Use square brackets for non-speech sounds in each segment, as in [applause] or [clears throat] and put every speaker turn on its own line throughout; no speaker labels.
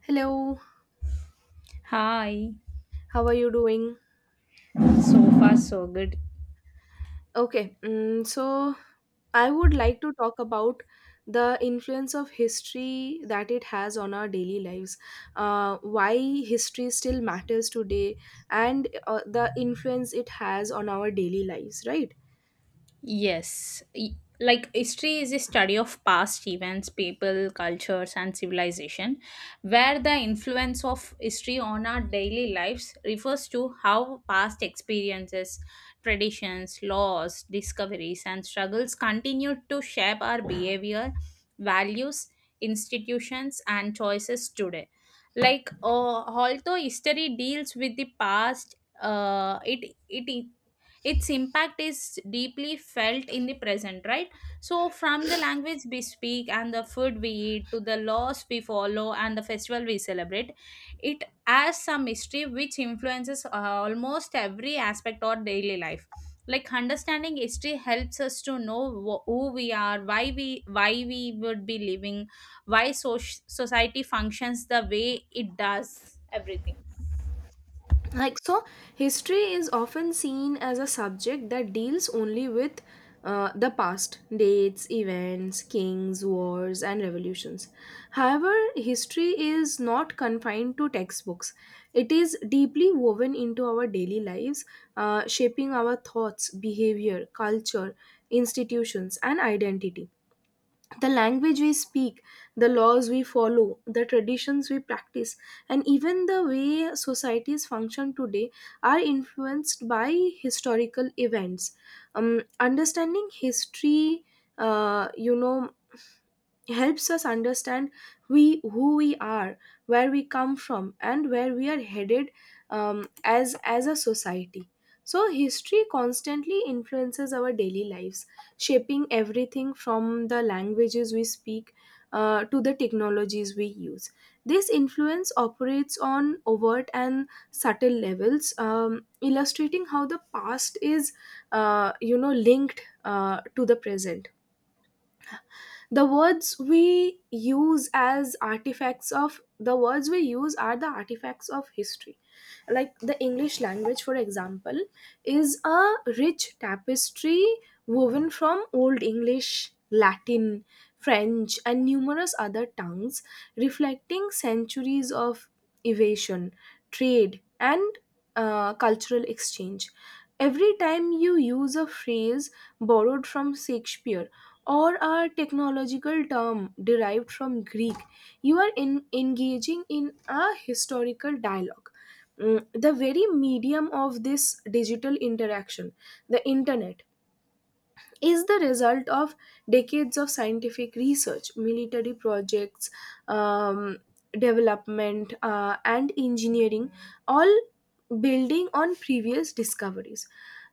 Hello,
Hi,
how are you doing?
so far so good.
Okay, so I would like to talk about the influence of history that it has on our daily lives, why history still matters today, and the influence it has on our daily lives, right?
Yes. Like history is a study of past events, people, cultures, and civilization, where the influence of history on our daily lives refers to how past experiences, traditions, laws, discoveries, and struggles continue to shape our behavior, values, institutions, and choices today. Like, although history deals with the past, it it its impact is deeply felt in the present, right? So from the language we speak and the food we eat to the laws we follow and the festival we celebrate, it has some history which influences almost every aspect of daily life. Like, understanding history helps us to know who we are, why we would be living, why society functions the way it does, everything.
Like so, history is often seen as a subject that deals only with the past, dates, events, kings, wars, and revolutions. However, history is not confined to textbooks. It is deeply woven into our daily lives, shaping our thoughts, behavior, culture, institutions, and identity. The language we speak, the laws we follow, the traditions we practice, and even the way societies function today are influenced by historical events. Understanding history, uh, you know, helps us understand we who we are, where we come from, and where we are headed, as a society. So history constantly influences our daily lives, shaping everything from the languages we speak to the technologies we use. This influence operates on overt and subtle levels, illustrating how the past is, linked, to the present. The words we use as artifacts of the words we use are the artifacts of history. Like the English language, for example, is a rich tapestry woven from Old English, Latin, French, and numerous other tongues, reflecting centuries of evasion, trade, and cultural exchange. Every time you use a phrase borrowed from Shakespeare, or a technological term derived from Greek, you are engaging in a historical dialogue. The very medium of this digital interaction, the internet, is the result of decades of scientific research, military projects, um, development, and engineering, all building on previous discoveries.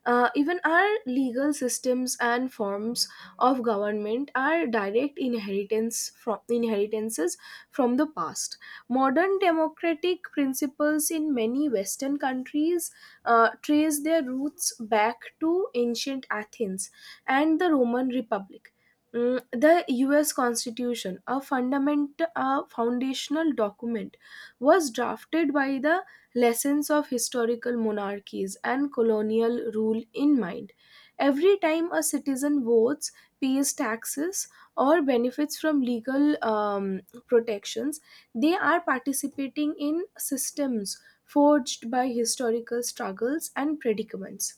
Even our legal systems and forms of government are direct inheritances from the past. Modern democratic principles in many Western countries trace their roots back to ancient Athens and the Roman Republic. The US Constitution, a foundational document, was drafted by the lessons of historical monarchies and colonial rule in mind. Every time a citizen votes, pays taxes, or benefits from legal protections, they are participating in systems forged by historical struggles and predicaments.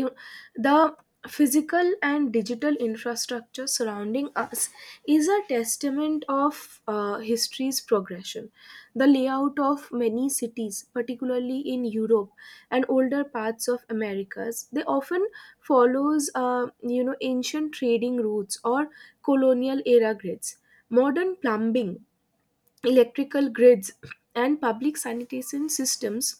You The physical and digital infrastructure surrounding us is a testament of history's progression. The layout of many cities, particularly in Europe and older parts of Americas, they often follows ancient trading routes or colonial era grids. Modern plumbing, electrical grids, and public sanitation systems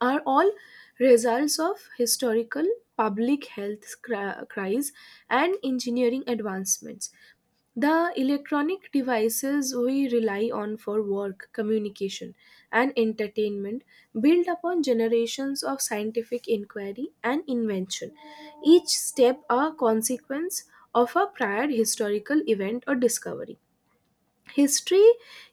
are all results of historical public health cries and engineering advancements. The electronic devices we rely on for work, communication, and entertainment build upon generations of scientific inquiry and invention, each step a consequence of a prior historical event or discovery. History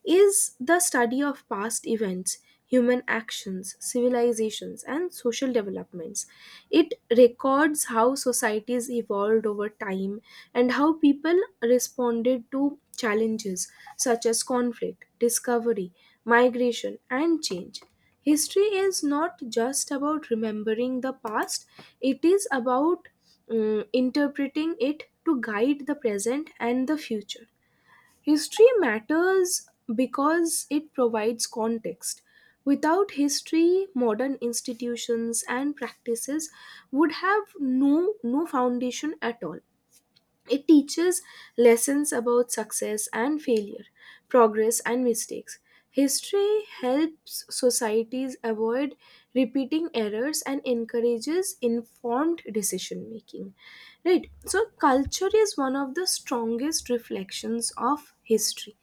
is the study of past events, human actions, civilizations, and social developments. It records how societies evolved over time and how people responded to challenges such as conflict, discovery, migration, and change. History is not just about remembering the past, it is about interpreting it to guide the present and the future. History matters because it provides context. Without history, modern institutions and practices would have no, no foundation at all. It teaches lessons about success and failure, progress and mistakes. History helps societies avoid repeating errors and encourages informed decision making. Right? So, culture is one of the strongest reflections of history.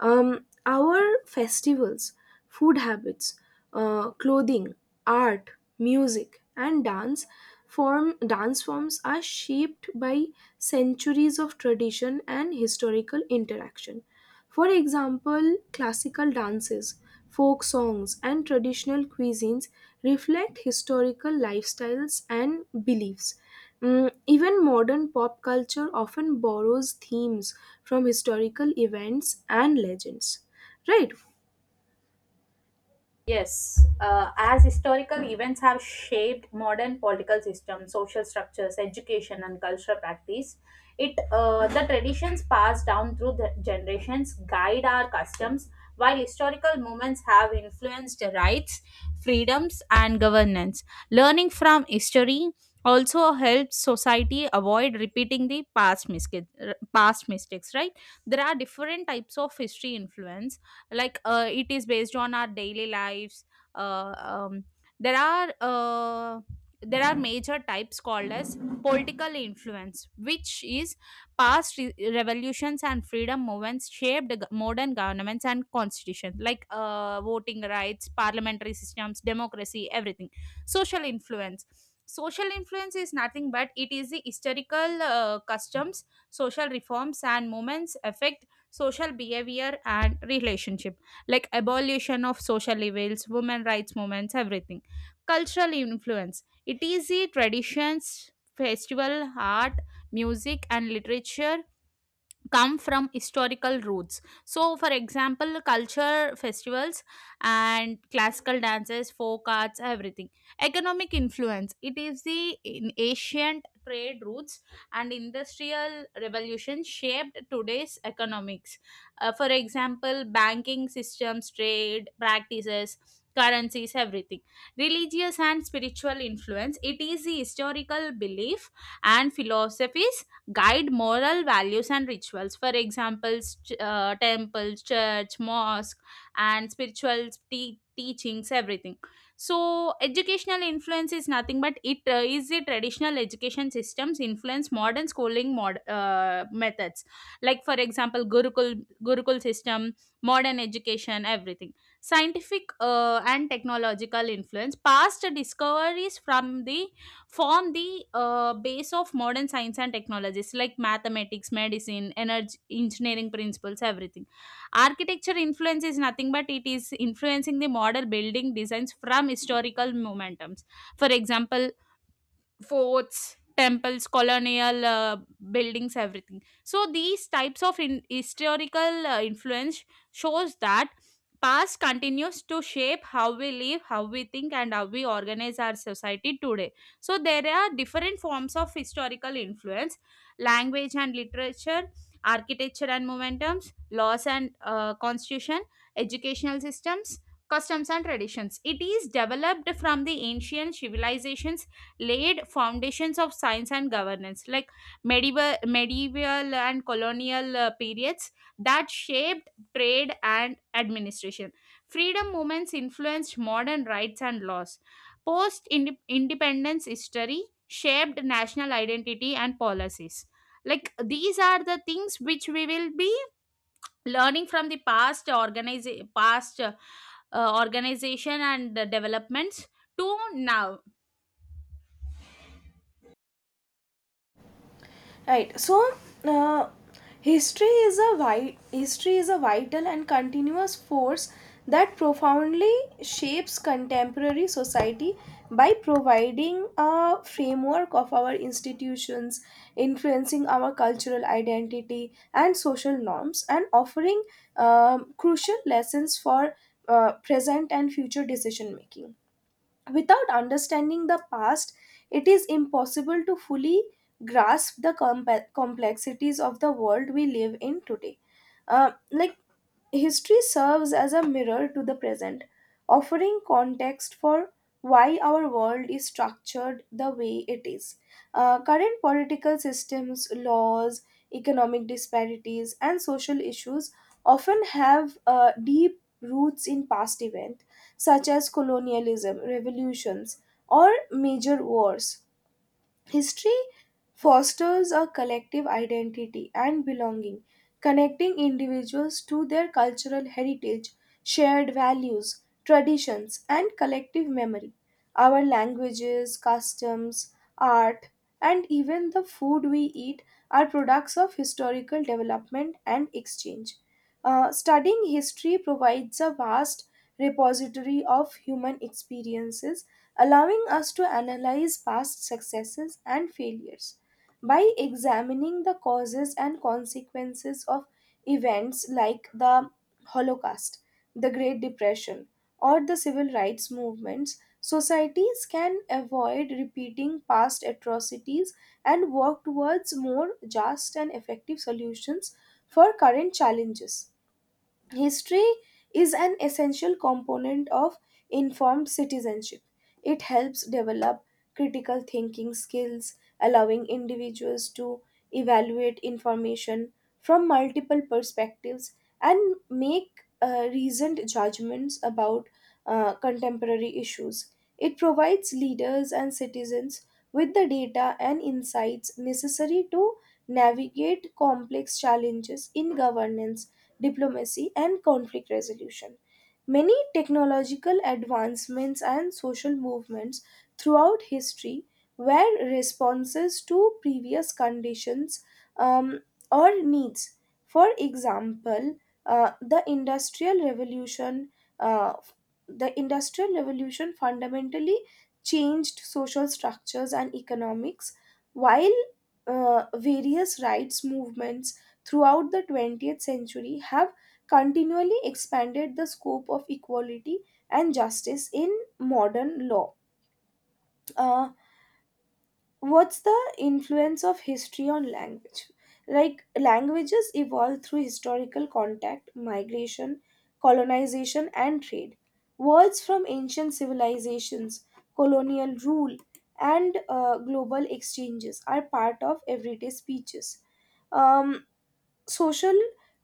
Our festivals, food habits, clothing, art, music, and dance forms are shaped by centuries of tradition and historical interaction. For example, classical dances, folk songs, and traditional cuisines reflect historical lifestyles and beliefs. Even modern pop culture often borrows themes from historical events and legends. Right?
Yes, as historical events have shaped modern political systems, social structures, education, and cultural practice, it the traditions passed down through the generations guide our customs, while historical movements have influenced rights, freedoms, and governance. Learning from history also helps society avoid repeating the past mistakes. Past mistakes, right? There are different types of history influence, like it is based on our daily lives. uh, um, there are there are major types called as political influence, which is past revolutions and freedom movements shaped modern governments and constitutions, like voting rights, parliamentary systems, democracy, everything. Social influence. Social influence is nothing but it is the historical customs, social reforms, and movements affect social behavior and relationship, like abolition of social evils, women rights movements, everything. Cultural influence, it is the traditions, festival, art, music, and literature come from historical roots. So for example, culture festivals and classical dances, folk arts, everything. Economic influence, it is the in ancient trade routes and industrial revolution shaped today's economics. For example, banking systems, trade practices, currencies, everything. Religious and spiritual influence, it is the historical belief and philosophies guide moral values and rituals. For examples, temples, church, mosque, and spiritual teachings, everything. So educational influence is nothing but it is the traditional education systems influence modern schooling, methods. Like, for example, gurukul system, modern education, everything. Scientific and technological influence, past discoveries from the form the base of modern science and technologies, like mathematics, medicine, energy, engineering principles, everything. Architecture influence is nothing but it is influencing the model building designs from historical momentums. For example, forts, temples, colonial buildings, everything. So these types of historical influence shows that past continues to shape how we live, how we think, and how we organize our society today. So there are different forms of historical influence: language and literature, architecture and momentums, laws and constitution, educational systems, customs and traditions. It is developed from the ancient civilizations, laid foundations of science and governance, like medieval and colonial periods that shaped trade and administration. Freedom movements influenced modern rights and laws. Post independence history shaped national identity and policies. Like, these are the things which we will be learning from the past, organize past, organization, and developments to now.
Right. So, uh, history is a vital and continuous force that profoundly shapes contemporary society by providing a framework of our institutions, influencing our cultural identity and social norms, and offering crucial lessons for present and future decision making. Without understanding the past, it is impossible to fully grasp the complexities of the world we live in today. Like history serves as a mirror to the present, offering context for why our world is structured the way it is. Current political systems, laws, economic disparities, and social issues often have deep roots in past events such as colonialism, revolutions, or major wars. History fosters a collective identity and belonging, connecting individuals to their cultural heritage, shared values, traditions, and collective memory. Our languages, customs, art, and even the food we eat are products of historical development and exchange. Studying history provides a vast repository of human experiences, allowing us to analyze past successes and failures. By examining the causes and consequences of events like the Holocaust, the Great Depression, or the civil rights movements, societies can avoid repeating past atrocities and work towards more just and effective solutions for current challenges. History is an essential component of informed citizenship. It helps develop critical thinking skills, allowing individuals to evaluate information from multiple perspectives and make reasoned judgments about contemporary issues. It provides leaders and citizens with the data and insights necessary to navigate complex challenges in governance, diplomacy, and conflict resolution. Many technological advancements and social movements throughout history were responses to previous conditions, um, or needs. For example, uh, the Industrial Revolution, uh, the Industrial Revolution fundamentally changed social structures and economics, while various rights movements throughout the 20th century have continually expanded the scope of equality and justice in modern law. Uh, what's the influence of history on language? Like, languages evolve through historical contact, migration, colonization, and trade. Words from ancient civilizations, colonial rule, and global exchanges are part of everyday speeches. Um, Social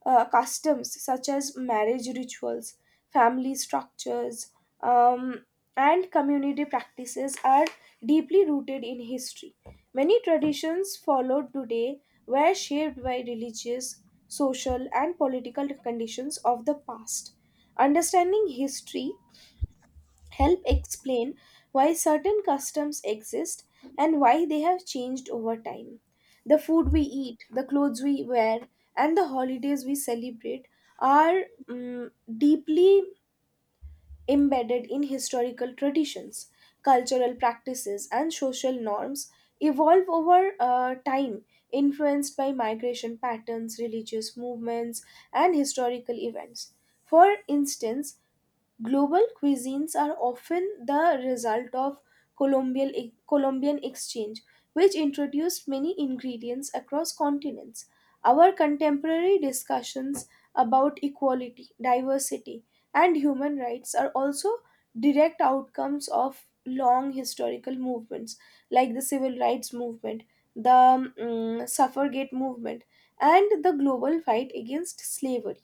customs such as marriage rituals, family structures, um, and community practices are deeply rooted in history. Many traditions followed today were shaped by religious, social, and political conditions of the past. Understanding history help explain why certain customs exist and why they have changed over time. The food we eat, the clothes we wear, and the holidays we celebrate are deeply embedded in historical traditions. Cultural practices and social norms evolve over time, influenced by migration patterns, religious movements, and historical events. For instance, global cuisines are often the result of Colombian exchange, which introduced many ingredients across continents. Our contemporary discussions about equality, diversity, and human rights are also direct outcomes of long historical movements like the civil rights movement, the suffragette movement, and the global fight against slavery.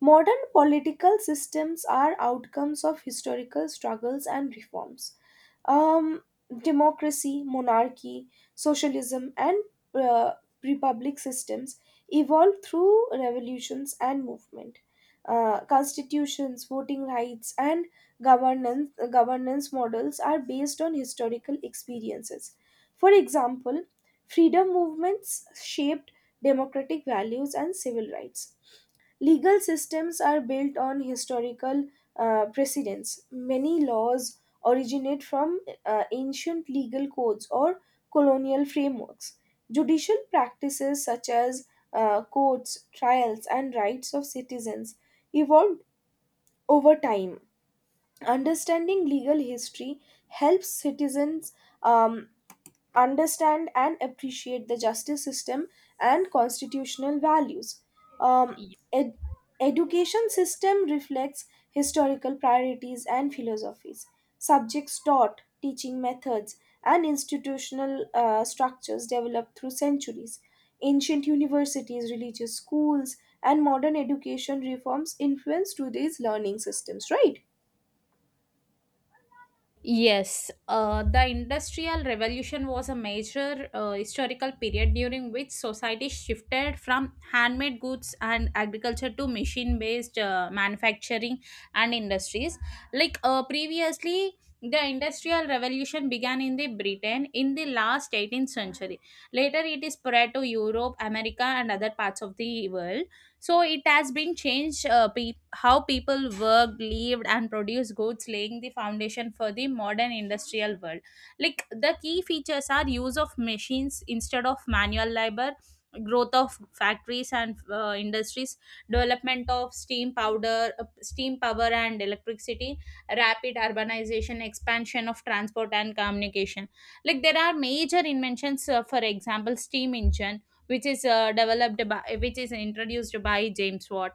Modern political systems are outcomes of historical struggles and reforms. Um, Democracy, monarchy, socialism, and uh, republic systems evolved through revolutions and movement. Constitutions, voting rights, and governance models are based on historical experiences. For example, freedom movements shaped democratic values and civil rights. Legal systems are built on historical precedents. Many laws originate from ancient legal codes or colonial frameworks. Judicial practices such as courts, trials, and rights of citizens evolved over time. Understanding legal history helps citizens, um, understand and appreciate the justice system and constitutional values. Um, ed- Education system reflects historical priorities and philosophies. Subjects taught, teaching methods, and institutional structures developed through centuries. Ancient universities, religious schools, and modern education reforms influence today's learning systems, right?
Yes, the Industrial Revolution was a major historical period during which society shifted from handmade goods and agriculture to machine based manufacturing and industries. Like, previously, the Industrial Revolution began in the Britain in the last 18th century. Later, it is spread to Europe, America, and other parts of the world. So it has been changed, how people worked, lived, and produced goods, laying the foundation for the modern industrial world. Like, the key features are use of machines instead of manual labor, growth of factories and industries, development of steam power and electricity, rapid urbanization, expansion of transport and communication. Like, there are major inventions, for example, steam engine which is introduced by James Watt.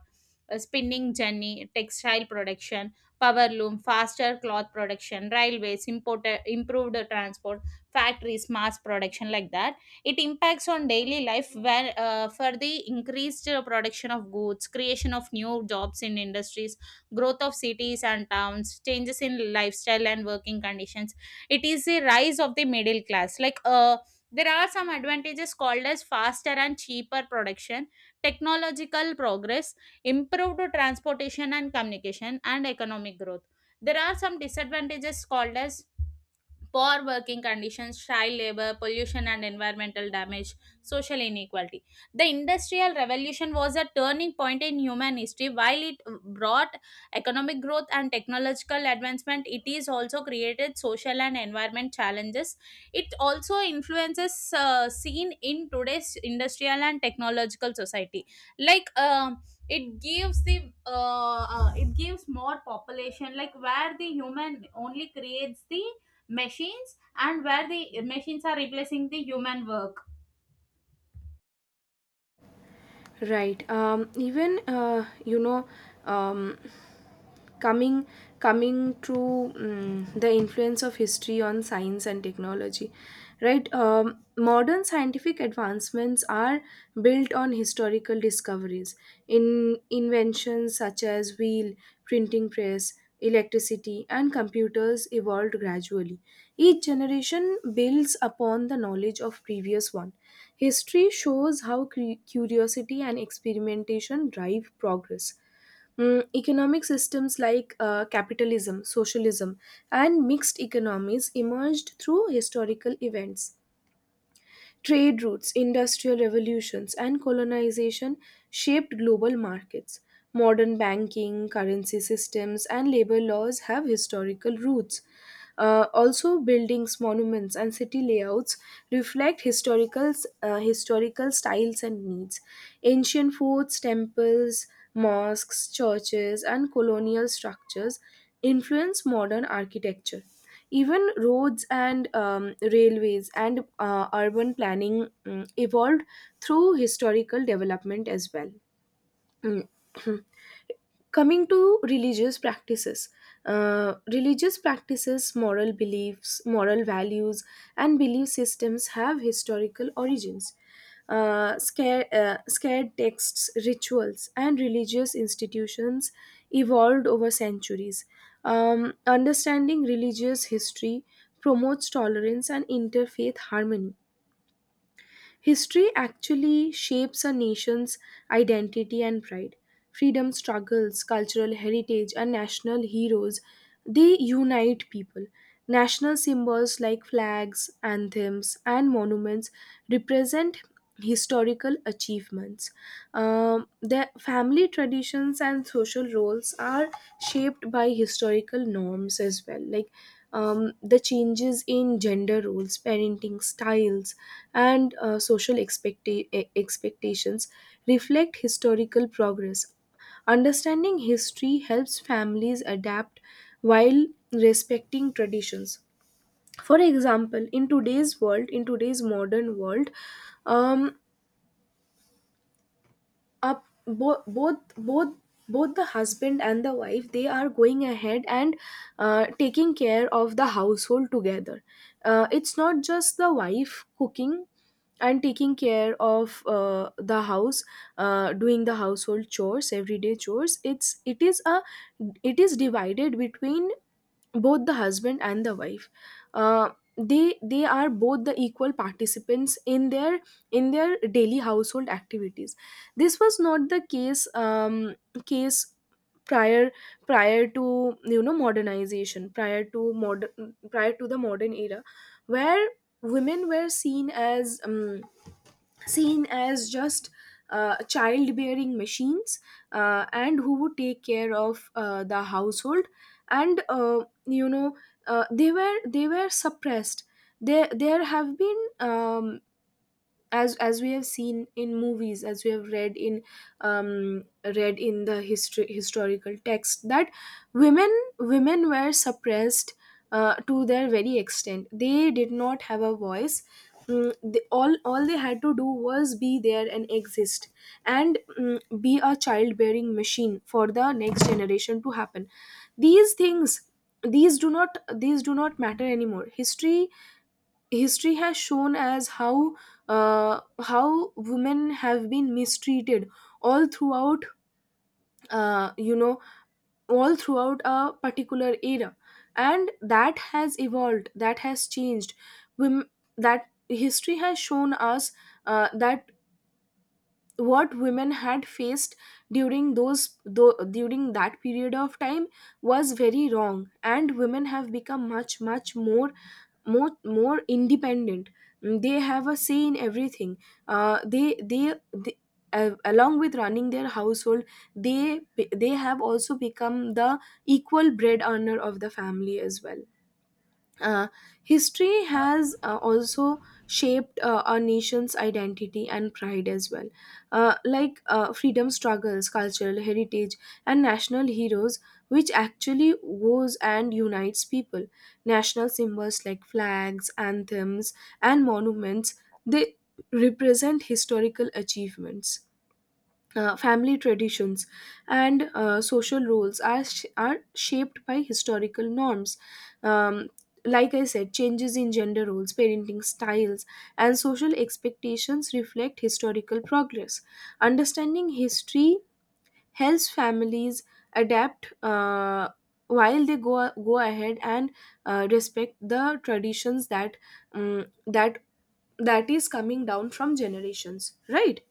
Spinning jenny, textile production, power loom, faster cloth production, railways, improved transport, factories, mass production, like that. It impacts on daily life where, for the increased production of goods, creation of new jobs in industries, growth of cities and towns, changes in lifestyle and working conditions. It is a rise of the middle class. Like, there are some advantages called as faster and cheaper production, technological progress, improved transportation and communication, and economic growth. There are some disadvantages called as poor working conditions, child labor, pollution and environmental damage, social inequality. The Industrial Revolution was a turning point in human history. While it brought economic growth and technological advancement, it is also created social and environment challenges. It also influences seen in today's industrial and technological society. Like, it gives the it gives more population, like where the human only creates the machines and where the machines are replacing the human work.
Right. Even, um, coming coming to, the influence of history on science and technology, right? Modern scientific advancements are built on historical discoveries in inventions such as wheel, printing press, electricity, and computers evolved gradually. Each generation builds upon the knowledge of previous one. History shows how curiosity and experimentation drive progress. Economic systems like capitalism, socialism, and mixed economies emerged through historical events. Trade routes, industrial revolutions, and colonization shaped global markets. Modern banking, currency systems, and labor laws have historical roots. Also, buildings, monuments, and city layouts reflect historical styles and needs. Ancient forts, temples, mosques, churches, and colonial structures influence modern architecture. Even roads and railways and urban planning evolved through historical development as well. Mm. [clears throat] Coming to religious practices, moral beliefs, moral values, and belief systems have historical origins. Scared texts, rituals, and religious institutions evolved over centuries. Understanding religious history promotes tolerance and interfaith harmony. History actually shapes a nation's identity and pride. Freedom struggles, cultural heritage, and national heroes, they unite people. National symbols like flags, anthems, and monuments represent historical achievements. Their family traditions and social roles are shaped by historical norms as well. Like, the changes in gender roles, parenting styles, and social expectations reflect historical progress. Understanding history helps families adapt while respecting traditions. For example, in today's world, in today's modern world, um, up bo- both both both the husband and the wife, they are going ahead and taking care of the household together. It's not just the wife cooking and taking care of the house, doing the household chores, everyday chores. It's it is a it is divided between both the husband and the wife. uh, they are both the equal participants in their daily household activities. This was not the case, case prior, prior to modernization, prior to the modern era, where women were seen as just childbearing machines, and who would take care of the household and you know they were suppressed. There have been as we have seen in movies, as we have read in um read in the history, historical text, that women, women were suppressed to their very extent. They did not have a voice. Mm, they, all they had to do was be there and exist and, mm, be a childbearing machine for the next generation to happen. These things, these do not matter anymore. History, history has shown as how women have been mistreated all throughout, uh, you know all throughout a particular era, and that has evolved, that has changed. Wom- that history has shown us that what women had faced during during that period of time was very wrong, and women have become much much more, more independent. Mm, they have a say in everything. They Along with running their household, they they have also become the equal bread earner of the family as well. uh, History has also shaped our nation's identity and pride as well. Like freedom struggles, cultural heritage, and national heroes, which actually goes and unites people. National symbols like flags, anthems, and monuments, they represent historical achievements. Family traditions and social roles are shaped by historical norms. Um, like I said, changes in gender roles, parenting styles, and social expectations reflect historical progress. Understanding history helps families adapt, while they go ahead and respect the traditions that um, that that is coming down from generations, right?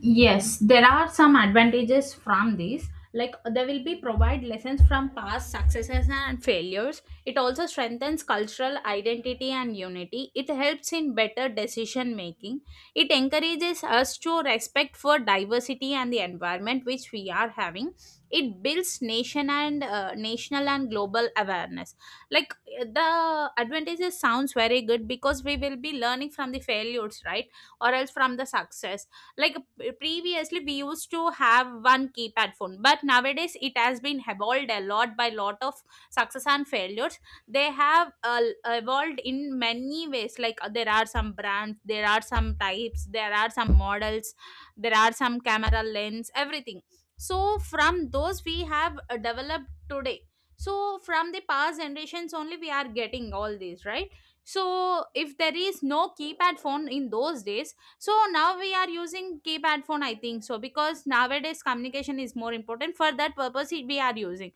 Yes, there are some advantages from this. Like, they will be provide lessons from past successes and failures. It also strengthens cultural identity and unity. It helps in better decision making. It encourages us to respect for diversity and the environment which we are having. It builds nation and national and global awareness. Like, the advantages sounds very good because we will be learning from the failures, right? Or else from the success, like previously we used to have one keypad phone, but nowadays it has been evolved a lot by lot of success and failures. They have evolved in many ways, like there are some brands, there are some types, there are some models, there are some camera lens, everything. So from those we have developed today. So from the past generations only we are getting all these, right? So if there is no keypad phone in those days, so now we are using keypad phone, I think so, because nowadays communication is more important. For that purpose we are using.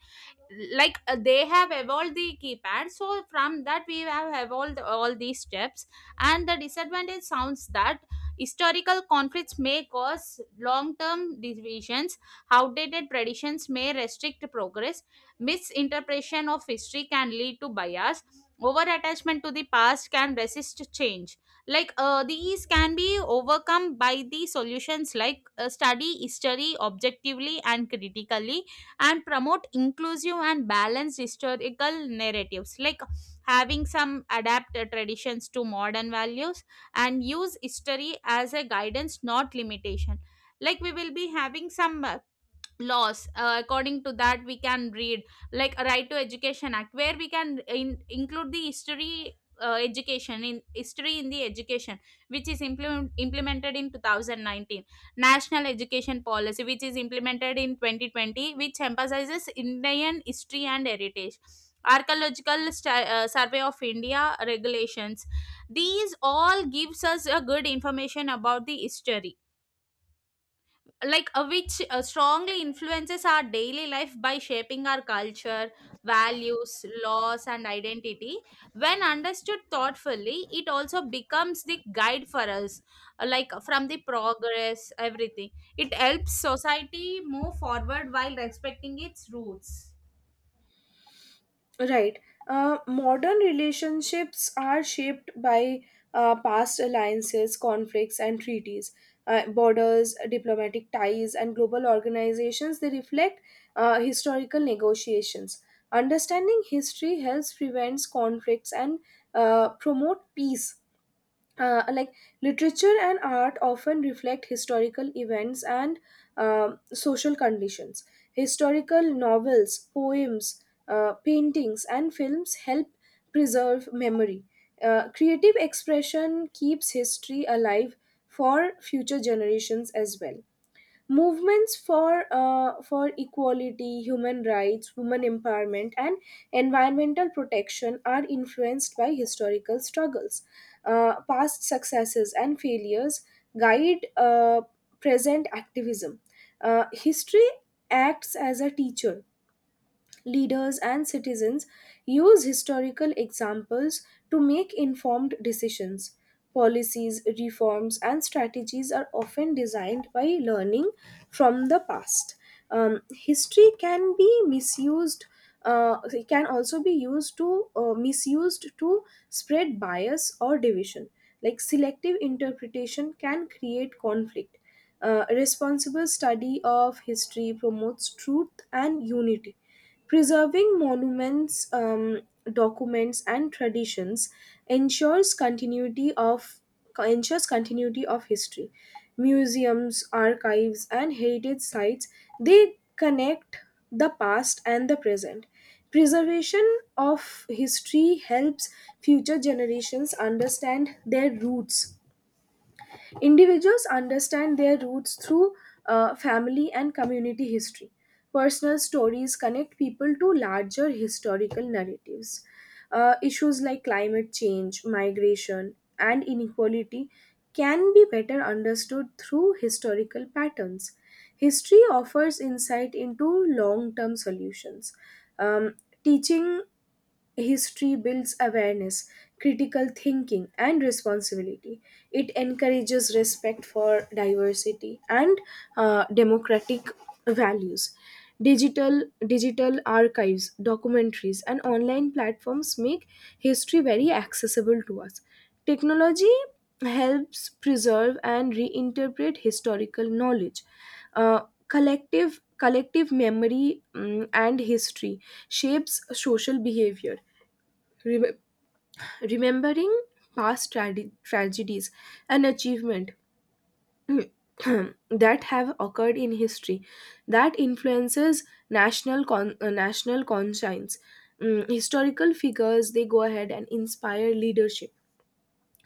Like, they have evolved the keypad, so from that we have evolved all these steps. And the disadvantage sounds that historical conflicts may cause long-term divisions, outdated traditions may restrict progress, misinterpretation of history can lead to bias, over attachment to the past can resist change. Like, these can be overcome by the solutions, like study history objectively and critically and promote inclusive and balanced historical narratives, like having some adapt traditions to modern values and use history as a guidance, not limitation. Like, we will be having some laws according to that we can read, like a right to education act, where we can include the history, education in history, in the education, which is implemented in 2019. National education policy, which is implemented in 2020, which emphasizes Indian history and heritage, archaeological survey of India regulations. These all gives us a good information about the history, like which strongly influences our daily life by shaping our culture, values, laws, and identity. When understood thoughtfully, it also becomes the guide for us, like from the progress, everything. It helps society move forward while respecting its roots.
Right. Modern relationships are shaped by past alliances, conflicts, and treaties. Borders, diplomatic ties, and global organizations, they reflect historical negotiations. Understanding history helps prevent conflicts and promote peace. uh, like Literature and art often reflect historical events and social conditions. Historical novels, poems, paintings, and films help preserve memory. Creative expression keeps history alive for future generations as well. Movements for equality, human rights, women empowerment, and environmental protection are influenced by historical struggles. Past successes and failures guide present activism. History acts as a teacher. Leaders and citizens use historical examples to make informed decisions. Policies, reforms, and strategies are often designed by learning from the past. History can be misused. It can also be used to, misused to spread bias or division. Like, selective interpretation can create conflict. Responsible study of history promotes truth and unity. Preserving monuments, documents, and traditions ensures continuity of ensures continuity of history. Museums, archives, and heritage sites, they connect the past and the present. Preservation of history helps future generations understand their roots. Individuals understand their roots through family and community history. Personal stories connect people to larger historical narratives. Issues like climate change, migration, and inequality can be better understood through historical patterns. History offers insight into long term solutions. Um, teaching history builds awareness, critical thinking, and responsibility. It encourages respect for diversity and democratic values. Digital archives, documentaries, and online platforms make history very accessible to us. Technology helps preserve and reinterpret historical knowledge. Uh, collective memory, mm, and history shapes social behavior. Re- Remembering past tragedies and achievement [clears throat] that have occurred in history, that influences national conscience. Mm, historical figures, they go ahead and inspire leadership,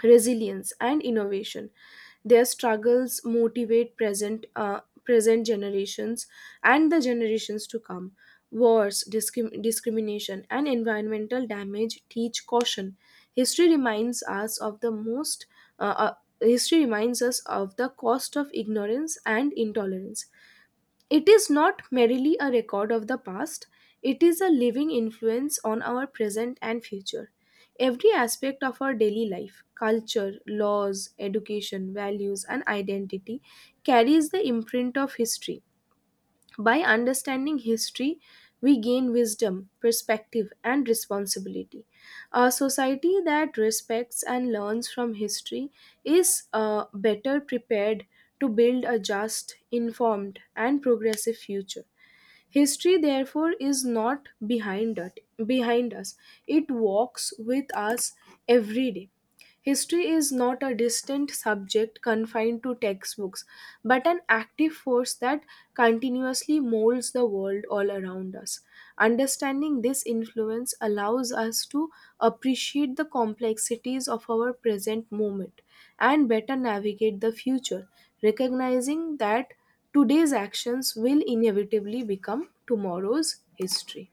resilience, and innovation. Their struggles motivate present present generations and the generations to come. Wars, discrimination, and environmental damage teach caution. history reminds us of the most uh, uh, History reminds us of the cost of ignorance and intolerance. It is not merely a record of the past, it is a living influence on our present and future. Every aspect of our daily life, culture, laws, education, values, and identity carries the imprint of history. By understanding history, we gain wisdom, perspective, and responsibility. A society that respects and learns from history is better prepared to build a just, informed, and progressive future. History, therefore, is not behind, behind us, it walks with us every day. History is not a distant subject confined to textbooks, but an active force that continuously molds the world all around us. Understanding this influence allows us to appreciate the complexities of our present moment and better navigate the future, recognizing that today's actions will inevitably become tomorrow's history.